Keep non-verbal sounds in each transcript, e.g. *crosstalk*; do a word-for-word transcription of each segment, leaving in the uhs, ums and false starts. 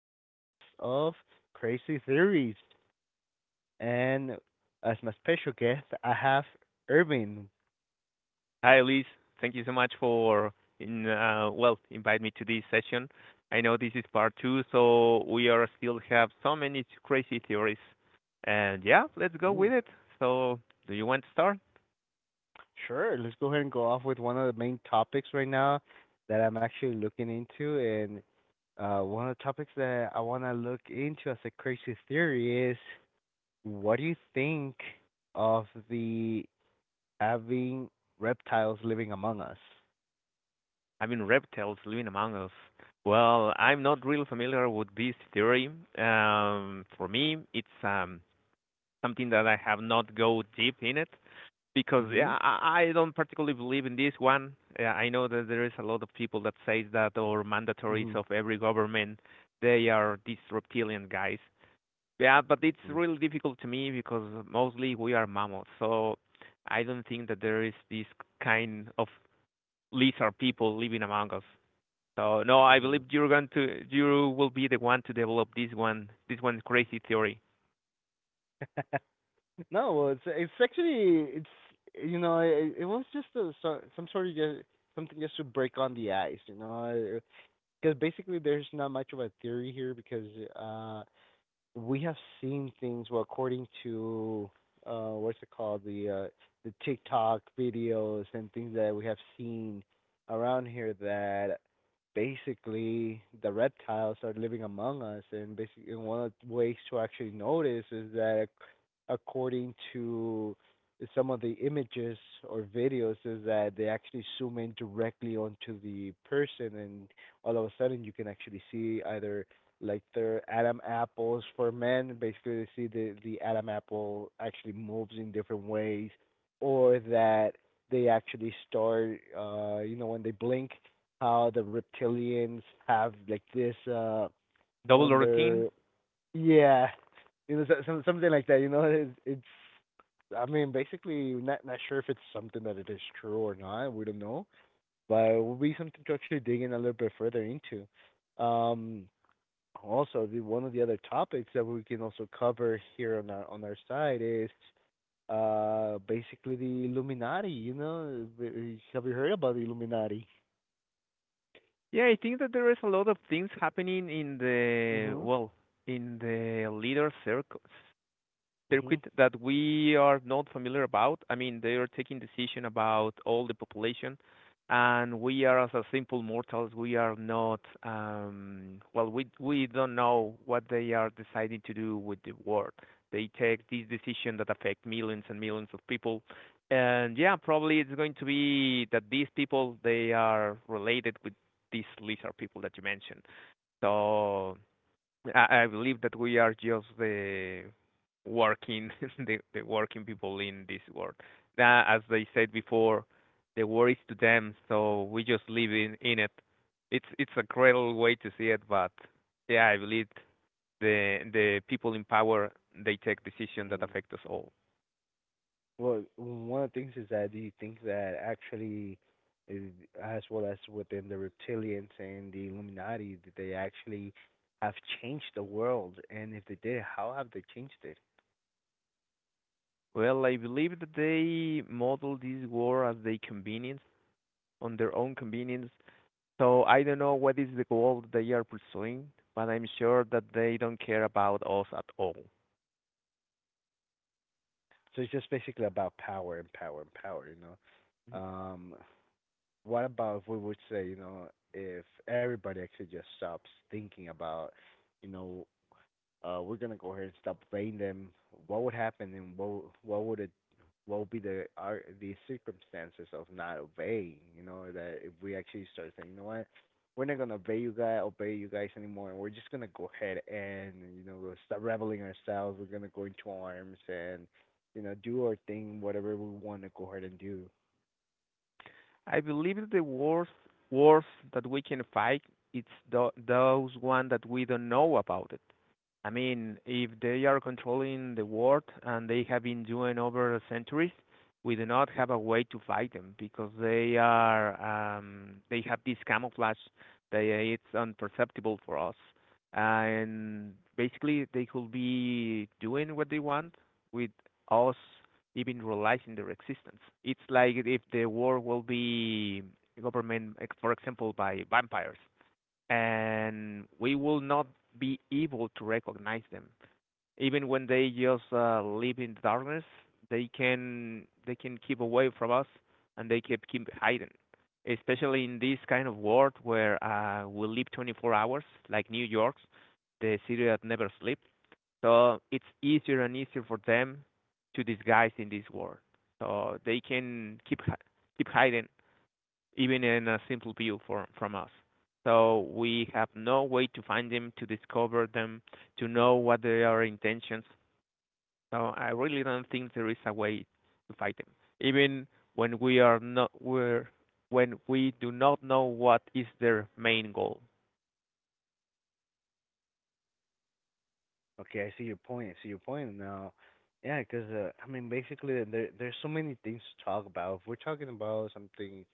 podcast of Crazy Theories. And as my special guest, I have Irving. Hi, Luis. Thank you so much for in, uh, well, invite me to this session. I know this is part two, so we are still have so many crazy theories. And yeah, let's go with Ooh, it. So do you want to start? sure, let's go ahead and go off with one of the main topics right now that I'm actually looking into. And uh, one of the topics that I want to look into as a crazy theory is what do you think of the having reptiles living among us? I mean, reptiles living among us. Well, I'm not really familiar with this theory. Um, for me, it's um, something that I have not go deep in it. Because hmm yeah, I, I don't particularly believe in this one. Yeah, I know that there is a lot of people that says that or mandatories hmm of every government they are these reptilian guys. Yeah, but it's really difficult to me because mostly we are mammals, so I don't think that there is this kind of lizard people living among us. So no, I hmm believe you're going to you will be the one to develop this one this one crazy theory. *laughs* No, well, it's it's actually it's you know it, it was just a so- some sort of just, something just to break on the ice, you know, because basically there's not much of a theory here because uh we have seen things. Well, according to uh, what's it called, the uh, the TikTok videos and things that we have seen around here, that basically the reptiles are living among us, and basically one of the ways to actually notice is that according to some of the images or videos is that they actually zoom in directly onto the person and all of a sudden you can actually see either like their Adam apples for men. Basically, they see the the Adam apple actually moves in different ways, or that they actually start, uh, you know, when they blink, how the reptilians have like this uh Double on routine. their yeah, you know, so- some something like that. You know, it's, it's I mean, basically, not not sure if it's something that it is true or not. We don't know, but it will be something to actually dig in a little bit further into. Um, also, the one of the other topics that we can also cover here on our on our side is uh basically the Illuminati. You know, Uh, have you heard about the Illuminati? Yeah, I think that there is a lot of things happening in the, Mhm. well, in the leader circle Mhm. circuit that we are not familiar about. I mean, they are taking decision about all the population, and we are as a simple mortals, we are not, um, well, we we don't know what they are deciding to do with the world. They take these decisions that affect millions and millions of people, and yeah, probably it's going to be that these people they are related with these lizard people that you mentioned. So I, I believe that we are just the working *laughs* the, the working people in this world. That, as they said before, the world is to them, so we just live in, in it. It's it's a cruel way to see it, but yeah, I believe the the people in power they take decisions that Mhm. affect us all. Well, one of the things is that do you think that actually, uh, as well as within the reptilians and the Illuminati, did they actually have changed the world? And if they did, how have they changed it? Well, I believe that they model this war as they convenience on their own convenience. So I don't know what is the goal they are pursuing, but I'm sure that they don't care about us at all. So it's just basically about power and power and power. You know. Um, What about if we would say, you know, if everybody actually just stops thinking about, you know, uh, we're gonna go ahead and stop paying them. What would happen, and what what would it, what would be the are the circumstances of not obeying? You know, that if we actually start saying, you know what, we're not gonna obey you guys, obey you guys anymore, and we're just gonna go ahead and you know we'll start reveling ourselves. We're gonna go into arms and you know do our thing, whatever we want to go ahead and do. I believe the worst wars that we can fight it's tho- those one that we don't know about it. I mean, if they are controlling the world and they have been doing over centuries, we do not have a way to fight them because they are um, they have this camouflage that it's unperceptible for us, and basically they could be doing what they want with us even realizing their existence. It's like if the world will be government, like, for example, by vampires, and we will not be able to recognize them. Even when they just uh, live in the darkness, they can they can keep away from us, and they keep keep hiding. Especially in this kind of world where uh, we live twenty-four hours, like New York's, the city that never sleeps. So it's easier and easier for them to disguise in this world. So they can keep keep hiding even in a simple view from from us. So we have no way to find them, to discover them, to know what their intentions. So I really don't think there is a way to fight them. Even when we are not we're, when we do not know what is their main goal. Okay, I see your point. I see your point now. Yeah, 'cause uh, I mean, basically, uh, there there's so many things to talk about. If we're talking about something,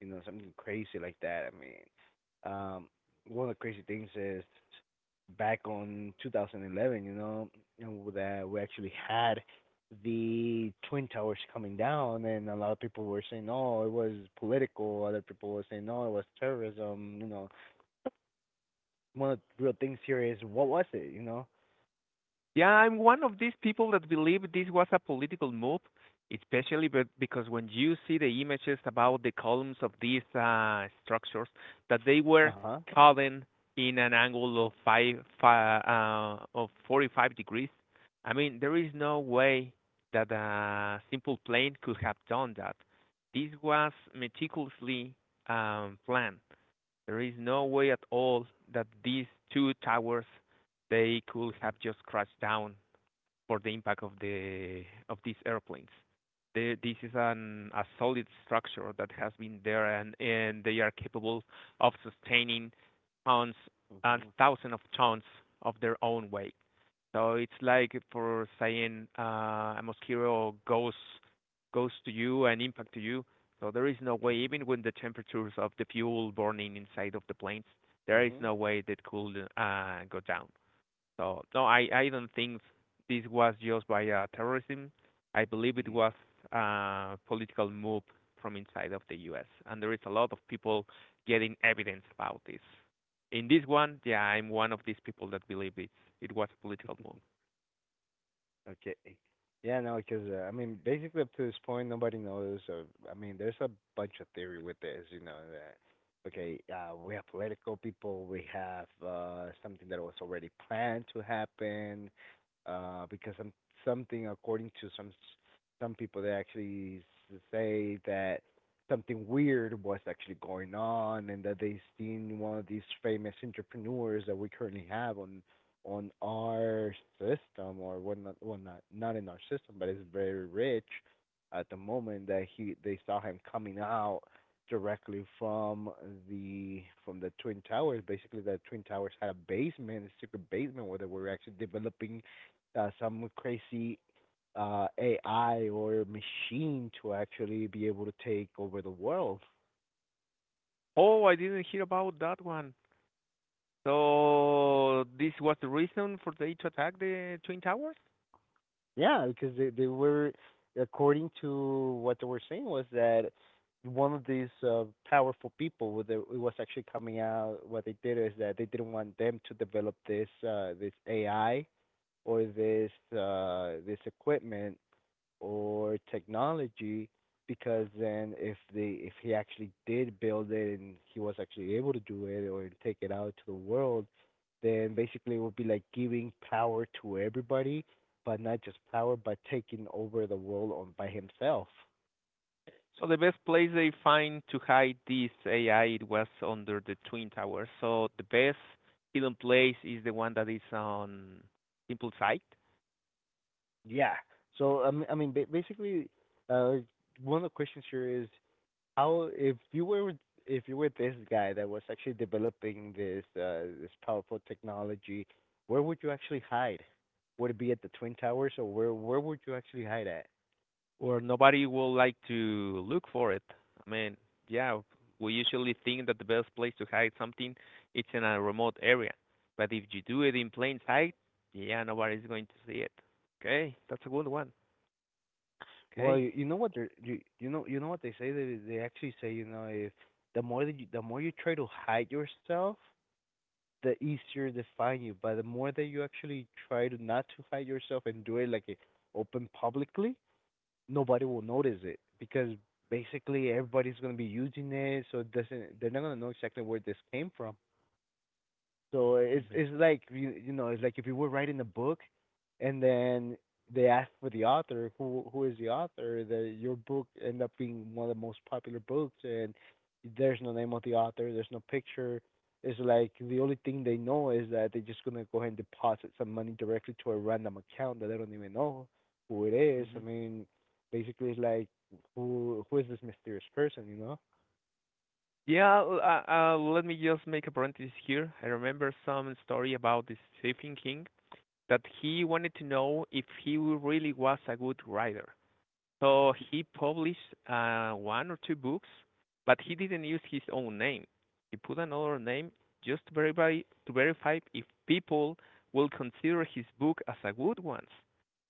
you know, something crazy like that, I mean, um, one of the crazy things is back on two thousand eleven, you know, you know, that we actually had the twin towers coming down, and a lot of people were saying, "No, it was political." Other people were saying, "No, it was terrorism." You know, one of the real things here is what was it? You know? Yeah, I'm one of these people that believe this was a political move, especially but because when you see the images about the columns of these uh, structures, that they were Uh calling in an angle of five, fi uh, of forty-five degrees. I mean, there is no way that a simple plane could have done that. This was meticulously um, planned. There is no way at all that these two towers they could have just crashed down for the impact of the of these airplanes. The, This is an a solid structure that has been there, and and they are capable of sustaining tons and huh. thousands of tons of their own weight. So it's like for saying uh, a mosquito goes goes to you and impact to you. So there is no way, Mhm. even when the temperatures of the fuel burning inside of the planes, there is Mhm. no way that could uh, go down. So no, I I don't think this was just by uh, terrorism. I believe it Mhm. was a political move from inside of the U S and there is a lot of people getting evidence about this. In this one, yeah, I'm one of these people that believe it it was a political move. Okay. Yeah, no, because uh, I mean, basically up to this point, nobody knows. Uh, I mean, there's a bunch of theory with this, you know. That okay, uh, we have political people, we have uh, something that was already planned to happen, uh, because some something according to some s- some people, they actually s- say that something weird was actually going on, and that they seen one of these famous entrepreneurs that we currently have on on our system or what not, well, not not in our system but it's very rich at the moment that he they saw him coming out directly from the from the twin towers. Basically the twin towers had a basement, a secret basement where they were actually developing uh, some crazy uh ai or machine to actually be able to take over the world. Oh, I didn't hear about that one. So this was the reason for they to attack the twin towers? Yeah, because they they were, according to what they were saying, was that one of these uh, powerful people, with the, it was actually coming out. What they did is that they didn't want them to develop this uh, this A I or this uh, this equipment or technology, because then if they if he actually did build it and he was actually able to do it or take it out to the world, then basically it would be like giving power to everybody, but not just power, but taking over the world on by himself. So the best place they find to hide this A I it was under the twin towers. So the best hidden place is the one that is on simple site Yeah. So I mean, I mean, ba- basically, uh, one of the questions here is how if you were with- if you were this guy that was actually developing this uh, this powerful technology, where would you actually hide? Would it be at the Twin Towers, or where where would you actually hide at? where nobody will like to look for it. I mean, yeah, we usually think that the best place to hide something it's in a remote area. But if you do it in plain sight, yeah, nobody's going to see it. Okay, that's a good one. Well, Okay. you, you know what they you you know you know what they say. They they actually say, you know, if the more that you, the more you try to hide yourself, the easier they find you. But the more that you actually try to not to hide yourself and do it like it open publicly, nobody will notice it because basically everybody's gonna be using it, so it doesn't they're not gonna know exactly where this came from. So it's it's like you you know it's like if you were writing a book, and then they ask for the author, who who is the author, the your book end up being one of the most popular books, and there's no name of the author, there's no picture. It's like the only thing they know is that they're just gonna go ahead and deposit some money directly to a random account that they don't even know who it is. I hmm mean, basically it's like who who is this mysterious person, you know? Yeah, l- uh, uh, let me just make a parenthesis here. I remember some story about this Stephen King that he wanted to know if he w- really was a good writer. So he published uh, one or two books, but he didn't use his own name. He put another name just to verify to verify if people will consider his book as a good one.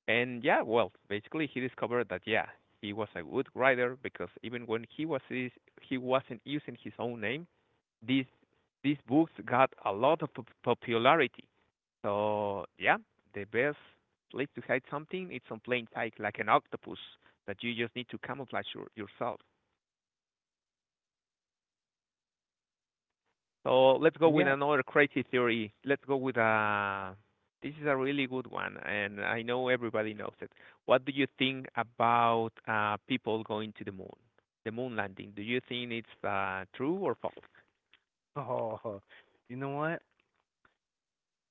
And yeah, well, basically he discovered that yeah, he was a good writer because even when he was is- he wasn't using his own name, these these books got a lot of popularity. So yeah, the best place to hide something it's on plain sight, like an octopus that you just need to camouflage your, yourself. So let's go with Yeah. another crazy theory. Let's go with a. This is a really good one, and I know everybody knows it. What do you think about uh, people going to the moon, the moon landing? Do you think it's uh, true or false? Oh, you know what?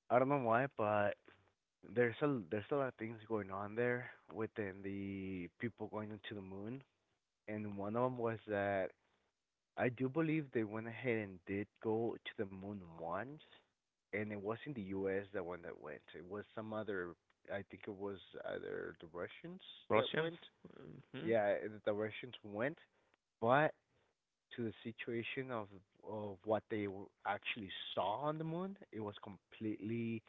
I don't know why, but there's a there's a lot of things going on there within the people going to the moon, and one of them was that I do believe they went ahead and did go to the moon once, and it wasn't the U S that one that went. It was some other. I think it was either the Russians that Russians? went. hmm Yeah, eh, the Russians went, but to the situation of of what they w- actually saw on the moon, it was completely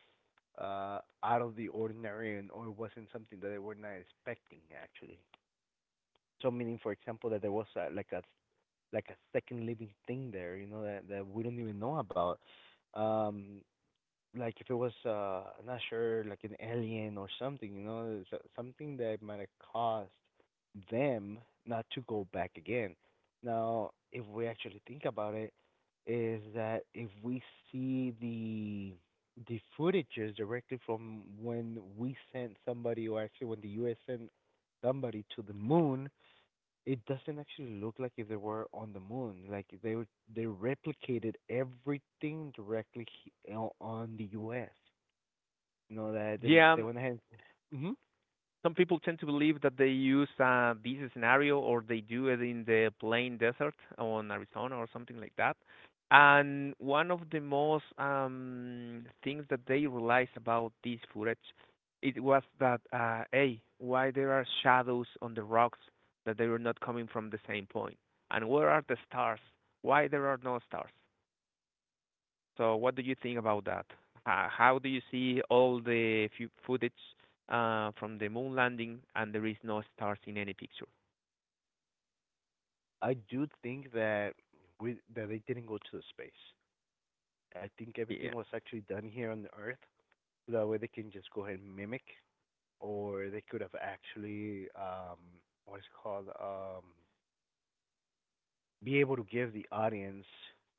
uh out of the ordinary and or wasn't something that they were not expecting actually. So meaning for example that there was a, like a like a second living thing there, you know, that that we don't even know about. Um like if it was uh I'm not sure like an alien or something, you know, so- something that might have caused them not to go back again. Now, if we actually think about it, is that if we see the the footages directly from when we sent somebody or actually when the U S sent somebody to the moon, it doesn't actually look like if they were on the moon. Like they were- they replicated everything directly he- you know, on the U S. You know that they, Yeah, they went ahead. Hmm some people tend to believe that they use uh, this scenario or they do it in the plain desert on Arizona or something like that. And one of the most um, things that they realized about this footage, it was that, uh, hey, why there are shadows on the rocks that they were not coming from the same point? And where are the stars? Why there are no stars? So what do you think about that? Ho- How do you see all the fu- footage uh, from the moon landing and there is no stars in any picture? I do think that we that they didn't go to the space. I think everything Yeah. was actually done here on the Earth. So that way they can just go ahead and mimic, or they could have actually um what is it called, um be able to give the audience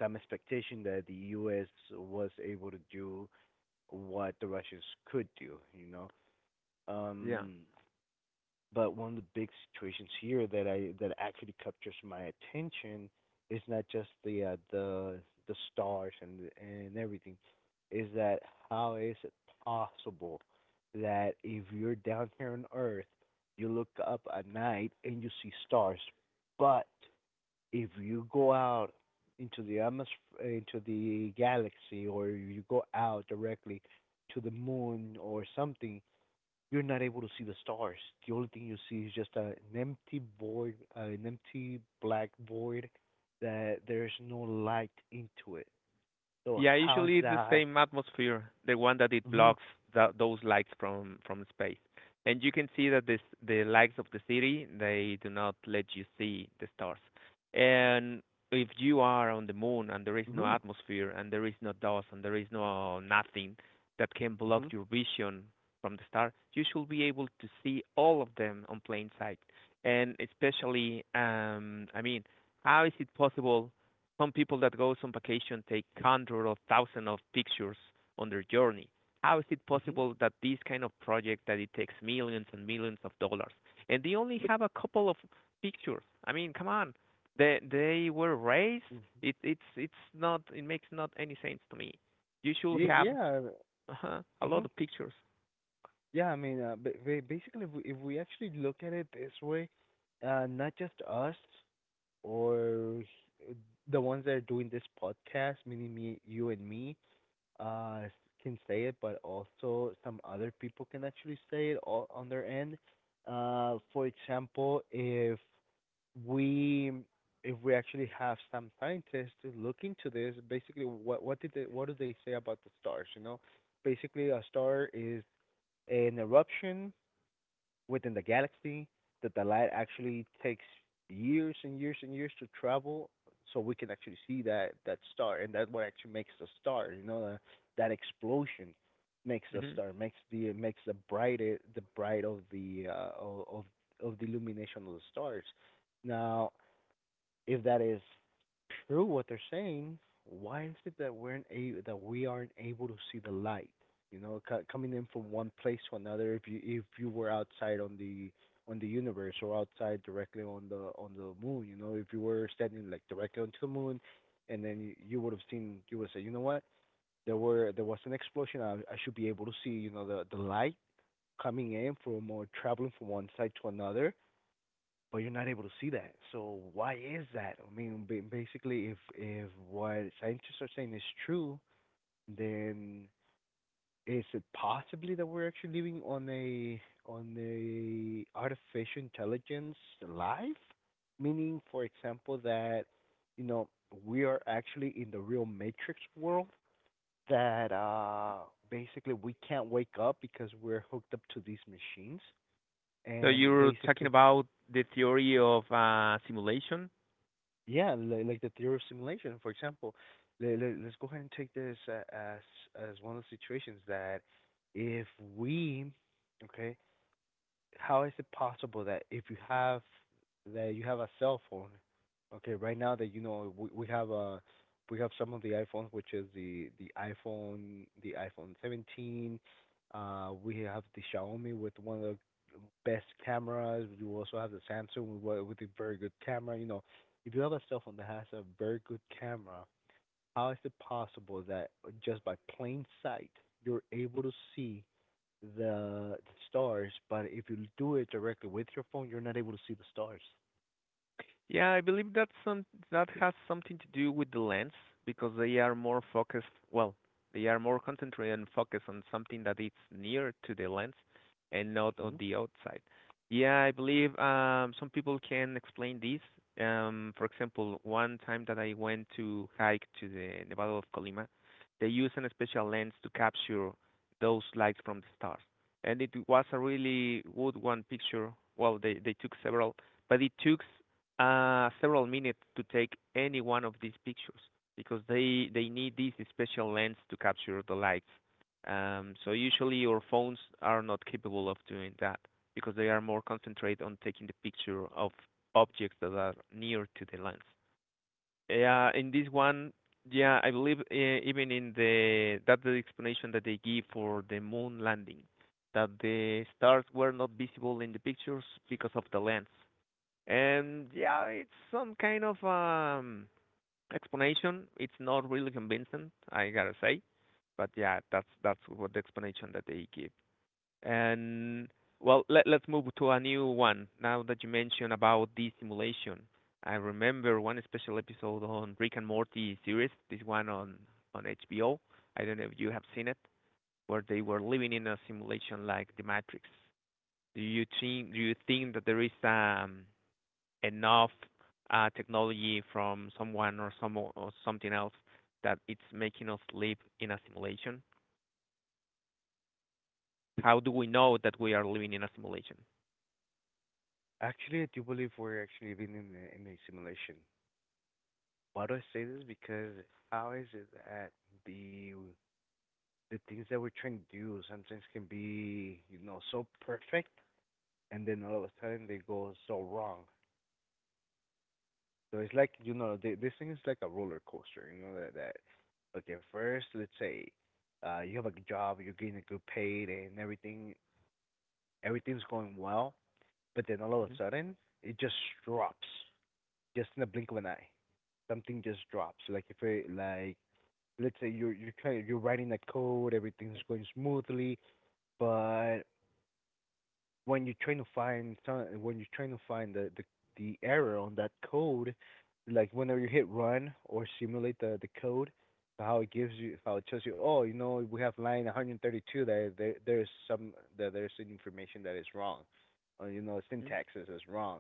some expectation that the U S was able to do what the Russians could do, you know. Yeah. Um, but one of the big situations here that I that actually captures my attention is not just the uh, the the stars and and everything, is that how is it possible that if you're down here on Earth, you look up at night and you see stars, but if you go out into the atmosphere, into the galaxy, or you go out directly to the moon or something, you're not able to see the stars. The only thing you see is just a, an empty void, uh, an empty black void that there's no light into it. So Yeah, how is usually it's the that? same atmosphere, the one that it Mhm. blocks tha those lights from from space. And you can see that this the lights of the city, they do not let you see the stars. And if you are on the moon and there is no Mhm. atmosphere and there is no dust and there is no nothing that can block Mhm. your vision from the star, you should be able to see all of them on plain sight. And especially, um, I mean, how is it possible some people that goes on vacation take hundreds of thousands of pictures on their journey. How is it Mhm. possible that this kind of project that it takes millions and millions of dollars and they only have a couple of pictures? I mean, come on. They they were raised. Mhm. It it's it's not it makes not any sense to me. You should Ye- have Yeah. uh a lot Mhm. of pictures. Yeah. I mean, uh, ba- ba- basically, if we, if we actually look at it this way, uh, not just us, or s- the ones that are doing this podcast, meaning me, you, and me, uh, s- can say it, but also some other people can actually say it all on their end. Uh, for example, if we if we actually have some scientists to look into this, basically, what what did they what do they say about the stars? You know, basically, a star is an eruption within the galaxy that the light actually takes years and years and years to travel so we can actually see that that star, and that's what actually makes the star, you know, that, that explosion makes the hmm star, makes the makes the bright the bright of the uh, of of the illumination of the stars. Now, if that is true what they're saying, why is it that we're a that we aren't able to see the light? You know, co- coming in from one place to another. If you if you were outside on the on the universe, or outside directly on the on the moon, you know, if you were standing like directly onto the moon, and then you, you would have seen, you would say, you know what, there were there was an explosion. I I should be able to see, you know, the the light coming in from or traveling from one side to another, but you're not able to see that. So why is that? I mean, ba- basically, if if what scientists are saying is true, then is it possibly that we're actually living on a on a artificial intelligence life? Meaning, for example, that you know we are actually in the real matrix world, that uh basically we can't wake up because we're hooked up to these machines, So and you're talking basically. about the theory of uh, simulation. Yeah, li- like the theory of simulation, for example. Le- le- Let's go ahead and take this uh, as as one of the situations that if we, okay, how is it possible that if you have that you have a cell phone, okay, right now that you know we, we have a we have some of the iPhones, which is the the iPhone the iPhone seventeen. Uh, we have the Xiaomi with one of the best cameras. We also have the Samsung with wa- with a very good camera. You know, if you have a cell phone that has a very good camera, how is it possible that just by plain sight you're able to see the stars, but if you do it directly with your phone, you're not able to see the stars. Yeah, I believe that's some that has something to do with the lens because they are more focused. Well, they are more concentrated and focused on something that is near to the lens and not on Hmm. the outside. Yeah, I believe um, some people can explain this. Um, for example, one time that I went to hike to the Nevado of Colima, they use an special lens to capture those lights from the stars, and it was a really good one picture. Well, they they took several, but it took uh, several minutes to take any one of these pictures because they they need this special lens to capture the lights. Um, so usually your phones are not capable of doing that because they are more concentrated on taking the picture of objects that are near to the lens. Yeah, in this one, yeah, I believe uh, even in the that's the explanation that they give for the moon landing, that the stars were not visible in the pictures because of the lens. And yeah, it's some kind of um explanation. It's not really convincing, I gotta say. But yeah, that's that's what the explanation that they give. And well, let let's move to a new one. Now that you mentioned about this simulation, I remember one special episode on Rick and Morty series. This one on on H B O. I don't know if you have seen it, where they were living in a simulation like the Matrix. Do you think do you think that there is um enough uh, technology from someone or some or something else that it's making us live in a simulation? How do we know that we are living in a simulation? Actually, I do believe we're actually living in a, in a simulation. Why do I say this? Because how is it that the the things that we're trying to do sometimes can be, you know, so perfect, and then all of a sudden they go so wrong. So it's like, you know, th this thing is like a roller coaster. You know that that okay, first let's say uh you have a good job, you're getting a good paid and everything, everything's going well, but then all of a sudden it just drops, just in the blink of an eye. Something just drops. So, like if it like let's say you're you're trying you're writing a code, everything's going smoothly, but when you're trying to find some, when you're trying to find the, the the error on that code, like whenever you hit run or simulate the the code, how it gives you how it tells you, oh, you know, we have line one hundred thirty-two that there there's some that there's some information that is wrong, or you know, Mm-hmm. syntaxes is wrong.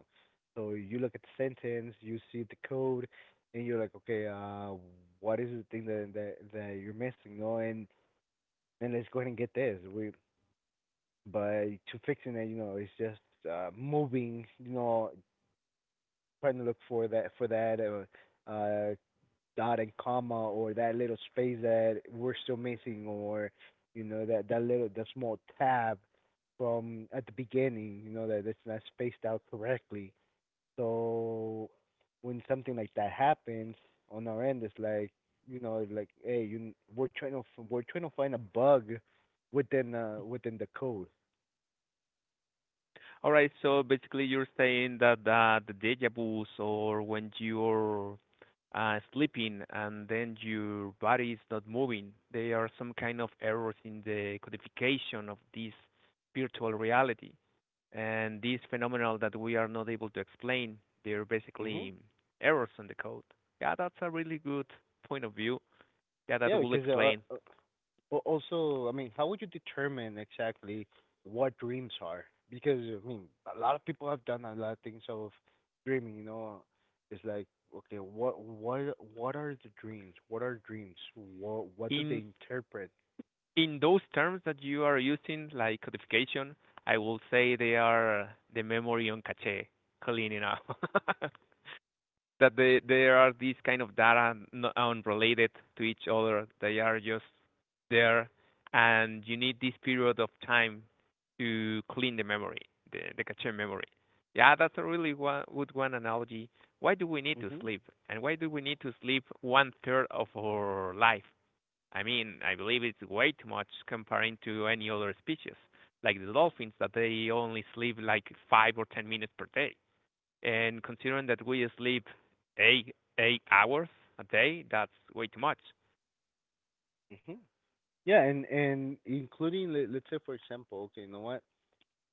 So you look at the sentence, you see the code, and you're like, okay, uh, what is the thing that that that you're missing? No, and and let's go ahead and get this. We but to fixing it, you know, it's just uh, moving, you know, trying to look for that for that uh, uh, dot and comma or that little space that we're still missing, or you know that that little that small tab from at the beginning, you know that it's not spaced out correctly. So when something like that happens on our end, it's like, you know, like hey, you we're trying to f- we're trying to find a bug within uh within the code. All right, so basically you're saying that uh, the deja vu's or when you're uh, sleeping and then your body is not moving, there are some kind of errors in the codification of this virtual reality. And these phenomena that we are not able to explain, they're Mhm. basically errors in the code. Yeah, that's a really good point of view. Yeah, that Yeah, will because uh, explain. uh, al- also, I mean, how would you determine exactly what dreams are? Because I mean, a lot of people have done a lot of things of dreaming. You know, it's like, okay, what, what, what are the dreams? What are dreams? What, what do they In interpret? in those terms that you are using, like codification, I will say they are the memory on cache cleaning up. *laughs* That they, there are these kind of data unrelated to each other. They are just there, and you need this period of time to clean the memory, the, the cache memory. Yeah, that's a really one, good one analogy. Why do we need to Mhm, sleep? And why do we need to sleep one third of our life? I mean, I believe it's way too much comparing to any other species, like the dolphins that they only sleep like five or ten minutes per day. And considering that we sleep eight eight hours a day, that's way too much. mhm. Yeah, and and including let, let's say for example, okay, you know what?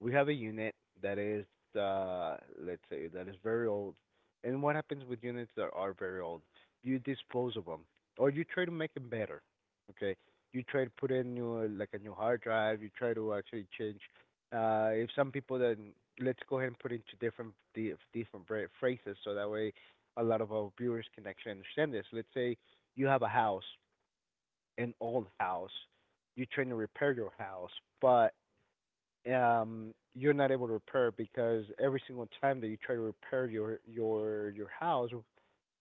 We have a unit that is uh let's say that is very old. And what happens with units that are very old, you dispose of them or you try to make them better. Okay, you try to put in new, like a new hard drive. You try to actually change, uh if some people then let's go ahead and put into different the different bra- phrases so that way a lot of our viewers can actually understand this. Let's say you have a house, an old house. You're trying to repair your house, but um you're not able to repair, because every single time that you try to repair your your your house,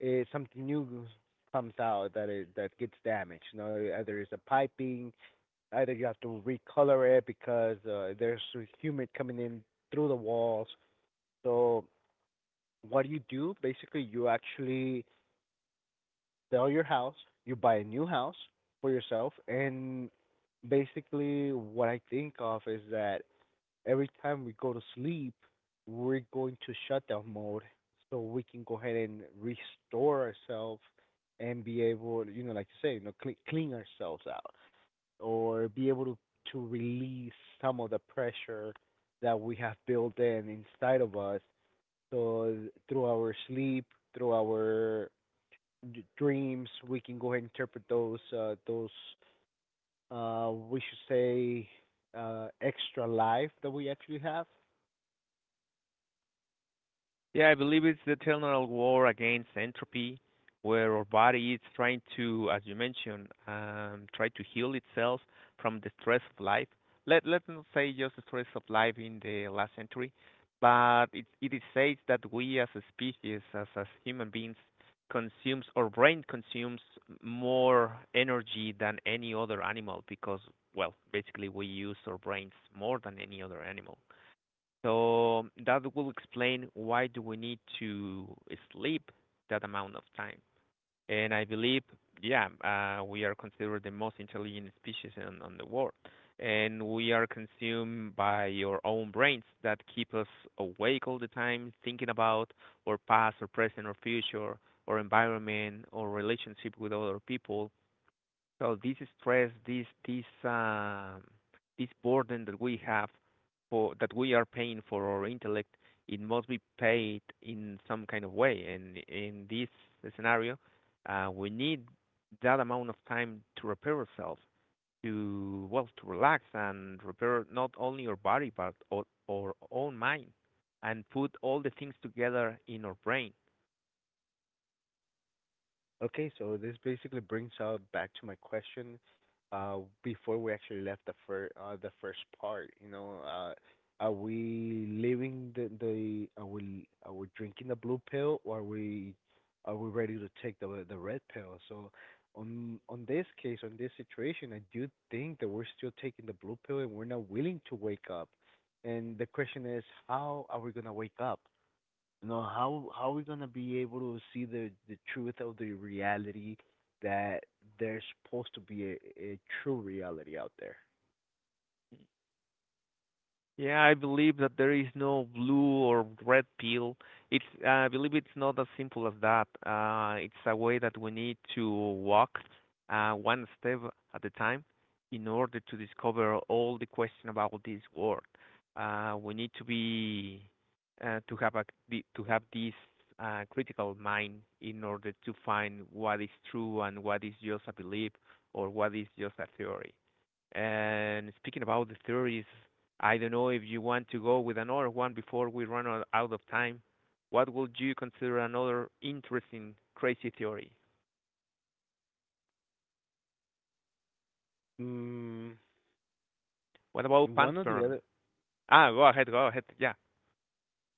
it, something new comes out that it that gets damaged, you know, either it's a piping, either you have to recolor it because uh, there's humid coming in through the walls. So what do you do? Basically, you actually sell your house, you buy a new house for yourself. And basically what I think of is that every time we go to sleep, we're going to shutdown mode so we can go ahead and restore ourselves and be able, you know, like you say, you know, clean, clean ourselves out, or be able to, to release some of the pressure that we have built in inside of us. So through our sleep, through our d- dreams, we can go ahead and interpret those, uh, those, uh, we should say, uh, extra life that we actually have. Yeah, I believe it's the eternal war against entropy, where our body is trying to, as you mentioned, um, try to heal itself from the stress of life. Let let's not say just the stress of life in the last century, but it it is says that we as a species, as as human beings, consumes our brain consumes more energy than any other animal because, well, basically we use our brains more than any other animal. So that will explain why do we need to sleep that amount of time. And I believe, yeah, uh, we are considered the most intelligent species on, on the world. And we are consumed by our own brains that keep us awake all the time, thinking about our past or present or future, or environment or relationship with other people. So this stress, this this um, this burden that we have for that we are paying for our intellect, it must be paid in some kind of way. And in this scenario, uh, we need that amount of time to repair ourselves, to well, to relax and repair not only our body but our, our own mind, and put all the things together in our brain. Okay, so this basically brings us back to my question, uh, before we actually left the fir- uh, the first part. You know, uh, are we living the the are we are we drinking the blue pill, or are we are we ready to take the the red pill? So on on this case, on this situation, I do think that we're still taking the blue pill and we're not willing to wake up. And the question is, how are we gonna wake up? No, how how are we gonna be able to see the the truth of the reality that there's supposed to be a, a true reality out there? Yeah, I believe that there is no blue or red pill. It's I believe it's not as simple as that. Uh, it's a way that we need to walk uh, one step at a time in order to discover all the question about this world. Uh, we need to be uh, to have a the- to have this uh, critical mind in order to find what is true and what is just a belief or what is just a theory. And speaking about the theories, I don't know if you want to go with another one before we run out out of time. What would you consider another interesting crazy theory? Mm, What about one or the pansperm? other. Ah, go ahead, go ahead. Yeah,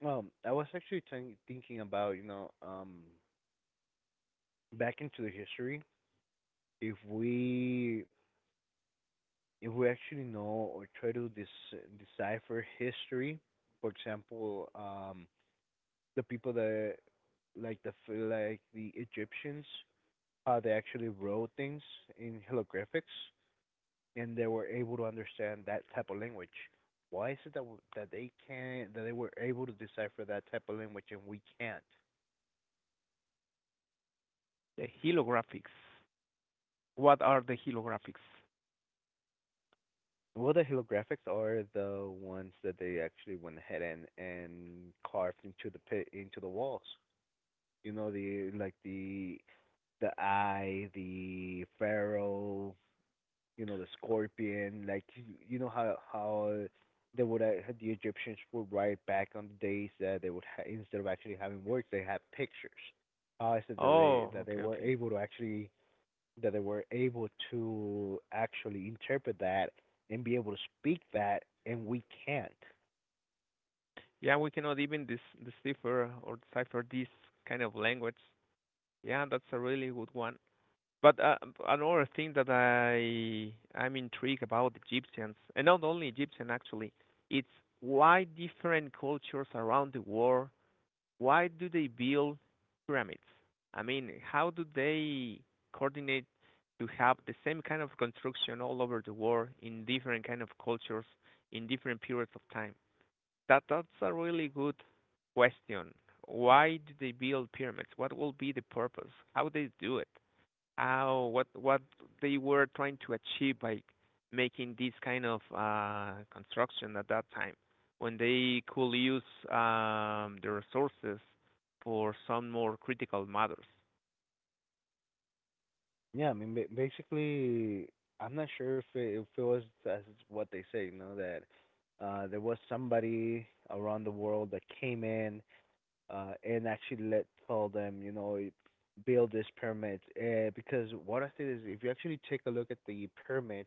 Um, I was actually think thinking about, you know, um back into the history, if we if we actually know or try to dis- decipher history, for example, um the people that like the f- like the Egyptians, uh, they actually wrote things in holographics, and they were able to understand that type of language. Why is it that w- that they can't that they were able to decipher that type of language and we can't? the holographics. What are the holographics? Well, the holographics are the ones that they actually went ahead and and carved into the pit into the walls. You know, the like the the eye, the pharaoh, you know the scorpion, like you you know how how they would uh, the Egyptians would write back on the days that they would ha- instead of actually having words they had pictures. How is it that they Oh, that they okay, were okay. able to actually that they were able to actually interpret that and be able to speak that and we can't? Yeah, we cannot even dis decipher or decipher this kind of language. Yeah, that's a really good one. But uh, another thing that I I'm intrigued about Egyptians, and not only Egyptian actually, it's why different cultures around the world, why do they build pyramids? I mean, how do they coordinate to have the same kind of construction all over the world in different kind of cultures in different periods of time? That that's a really good question. Why do they build pyramids? What will be the purpose? How they do it? Oh, what what they were trying to achieve by making this kind of uh, construction at that time, when they could use um, the resources for some more critical matters. Yeah, I mean, ba- basically, I'm not sure if it, if it was, that's what they say, you know, that uh there was somebody around the world that came in, uh, and actually let tell them, you know, build this pyramid. Uh, because what I said is, if you actually take a look at the pyramids,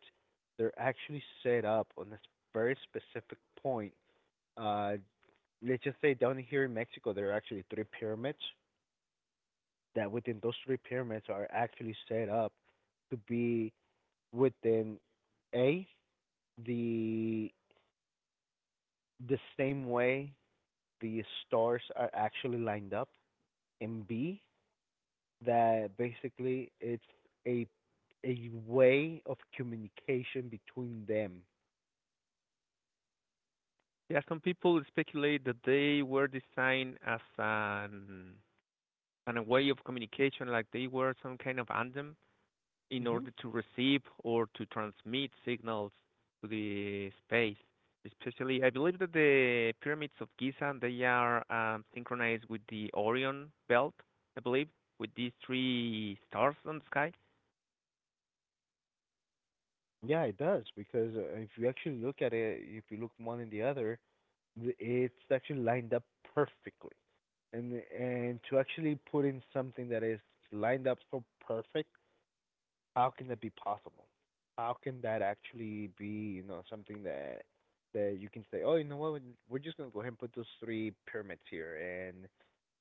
they're actually set up on this very specific point. Uh, let's just say down here in Mexico, there are actually three pyramids. That within those three pyramids are actually set up to be within a the the same way the stars are actually lined up, and b that basically it's a a way of communication between them. Yeah, some people speculate that they were designed as an, an a way of communication, like they were some kind of anthem in Mhm. order to receive or to transmit signals to the space. Especially, I believe that the pyramids of Giza, they are um, synchronized with the Orion belt, I believe, with these three stars on the sky. Yeah, it does because, uh, if you actually look at it, if you look one and the other, th- it's actually lined up perfectly. And and to actually put in something that is lined up so perfect, how can that be possible? How can that actually be, you know, something that that you can say, oh, you know what, we're just gonna go ahead and put those three pyramids here, and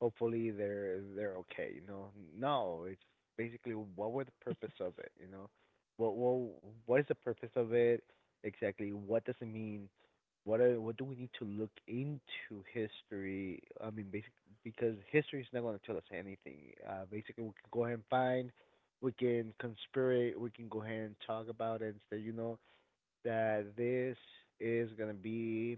hopefully they're they're okay, you know? No, it's basically what were the purpose of it, you know? What what what is the purpose of it exactly? What does it mean? What are, what do we need to look into history? I mean, basically, because history is not going to tell us anything. Uh, basically, we can go ahead and find, we can conspirate, we can go ahead and talk about it and say, you know, that this is gonna be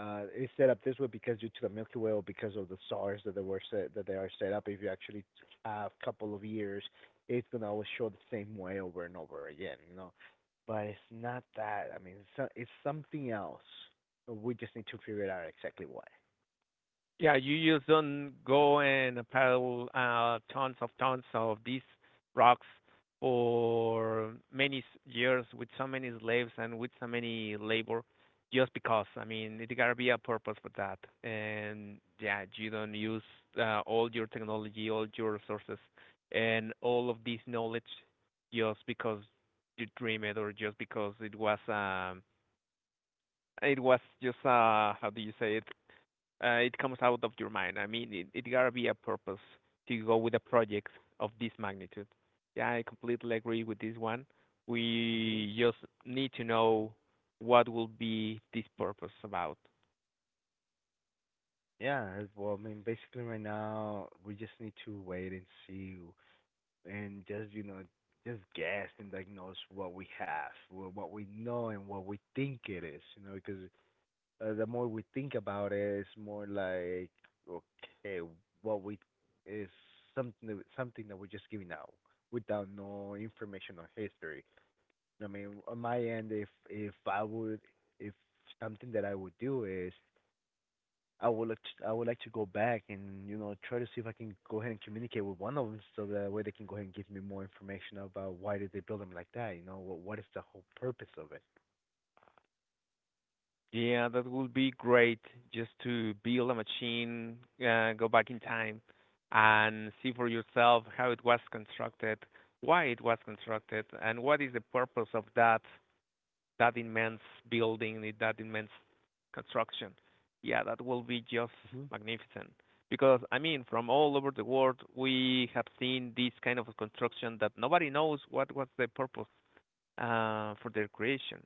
uh it's set up this way because due to the Milky Way or because of the stars that they were set, that they are set up. If you actually have a couple of years, it's gonna always show the same way over and over again, you know. But it's not that. I mean, it's so- it's something else. We just need to figure out exactly what. Yeah, you just don't go and pile uh, tons of tons of these rocks for many s- years with so many slaves and with so many labor just because. I mean, it gotta be a purpose for that. And yeah, you don't use uh, all your technology, all your resources, and all of this knowledge just because you dream it or just because it was um it was just uh how do you say it uh, it comes out of your mind. I mean, it, it gotta be a purpose to go with a project of this magnitude. Yeah, I completely agree with this one. Mhm. We just need to know what will be this purpose about. Yeah, well, I mean, basically right now we just need to wait and see and just you know just guess and diagnose what we have, wh- what we know, and what we think it is. You know, because uh, the more we think about it, it's more like okay, what we is something that, something that we're just giving out without no information or history. I mean, on my end, if if I would, if something that I would do is I would like to, I would like to go back and, you know, try to see if I can go ahead and communicate with one of them so that way they can go ahead and give me more information about why did they build them like that. You know, what what is the whole purpose of it? Yeah, that would be great just to build a machine, uh, go back in time and see for yourself how it was constructed, why it was constructed, and what is the purpose of that that immense building, that immense construction. Yeah, that will be just Mhm. magnificent. Because, I mean, from all over the world, we have seen this kind of construction that nobody knows what was the purpose uh, for their creation,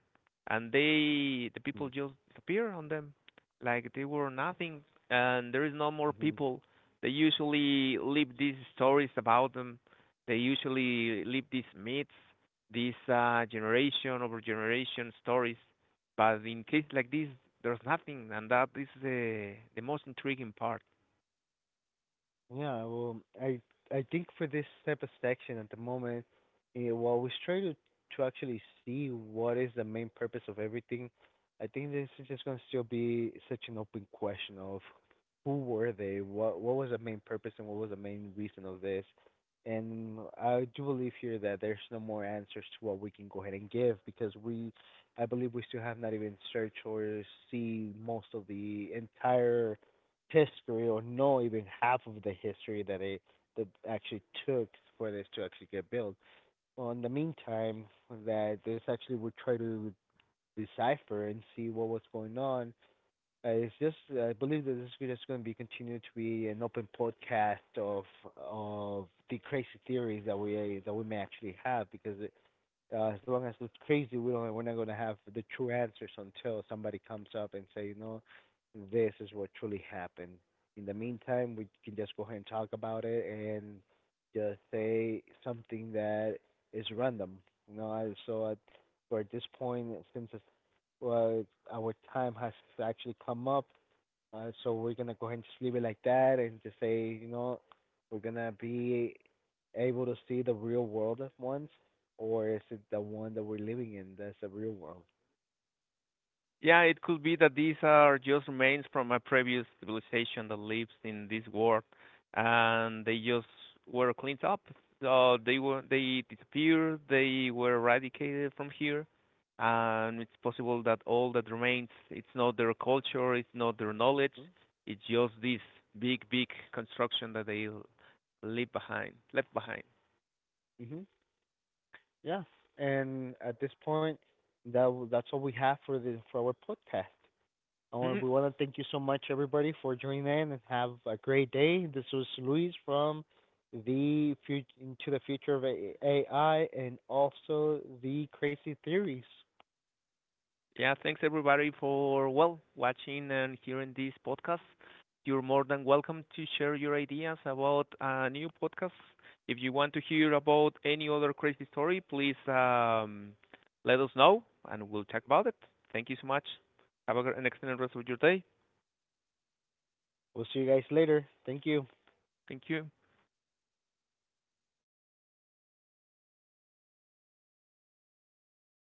and they the people just disappear on them, like they were nothing, and there is no more Mhm. people. They usually leave these stories about them. They usually leave these myths, these uh, generation over generation stories. But in case like this, there's nothing, and that is the the most intriguing part. Yeah, well, I I think for this type of section at the moment, eh, while we always try to to actually see what is the main purpose of everything, I think this is just gonna still be such an open question of who were they, what what was the main purpose, and what was the main reason of this. And I do believe here that there's no more answers to what we can go ahead and give because we, I believe we still have not even searched or see most of the entire history or know even half of the history that it, that actually took for this to actually get built. Well, in the meantime, that this actually would try to decipher and see what was going on. Uh, it's just I believe that this video is going to be continued to be an open podcast of of the crazy theories that we, that we may actually have because it, uh, as long as it's crazy, we don't we're not gonna have the true answers until somebody comes up and say, you know, this is what truly happened. In the meantime, we can just go ahead and talk about it and just say something that is random. You know, I, so at, for at this point, since it's, well, our time has actually come up, uh, so we're gonna go ahead and just leave it like that and just say, you know, we're gonna be able to see the real world at once, or is it the one that we're living in that's the real world? Yeah, it could be that these are just remains from a previous civilization that lives in this world, and they just were cleaned up. So they were they disappeared. They were eradicated from here, and it's possible that all that remains it's not their culture, it's not their knowledge, it's just this big big construction that they l- leave behind, left behind. Mhm. Yeah. And at this point, that that's all we have for the for our podcast. I want we want *laughs* to thank you so much everybody for joining in and have a great day. This was Luis from the future into the future of A I and also the crazy theories. Yeah, thanks everybody for, well, watching and hearing this podcast. You're more than welcome to share your ideas about uh, new podcasts. If you want to hear about any other crazy story, please um, let us know and we'll talk about it. Thank you so much. Have a, gr- an excellent rest of your day. We'll see you guys later. Thank you. Thank you.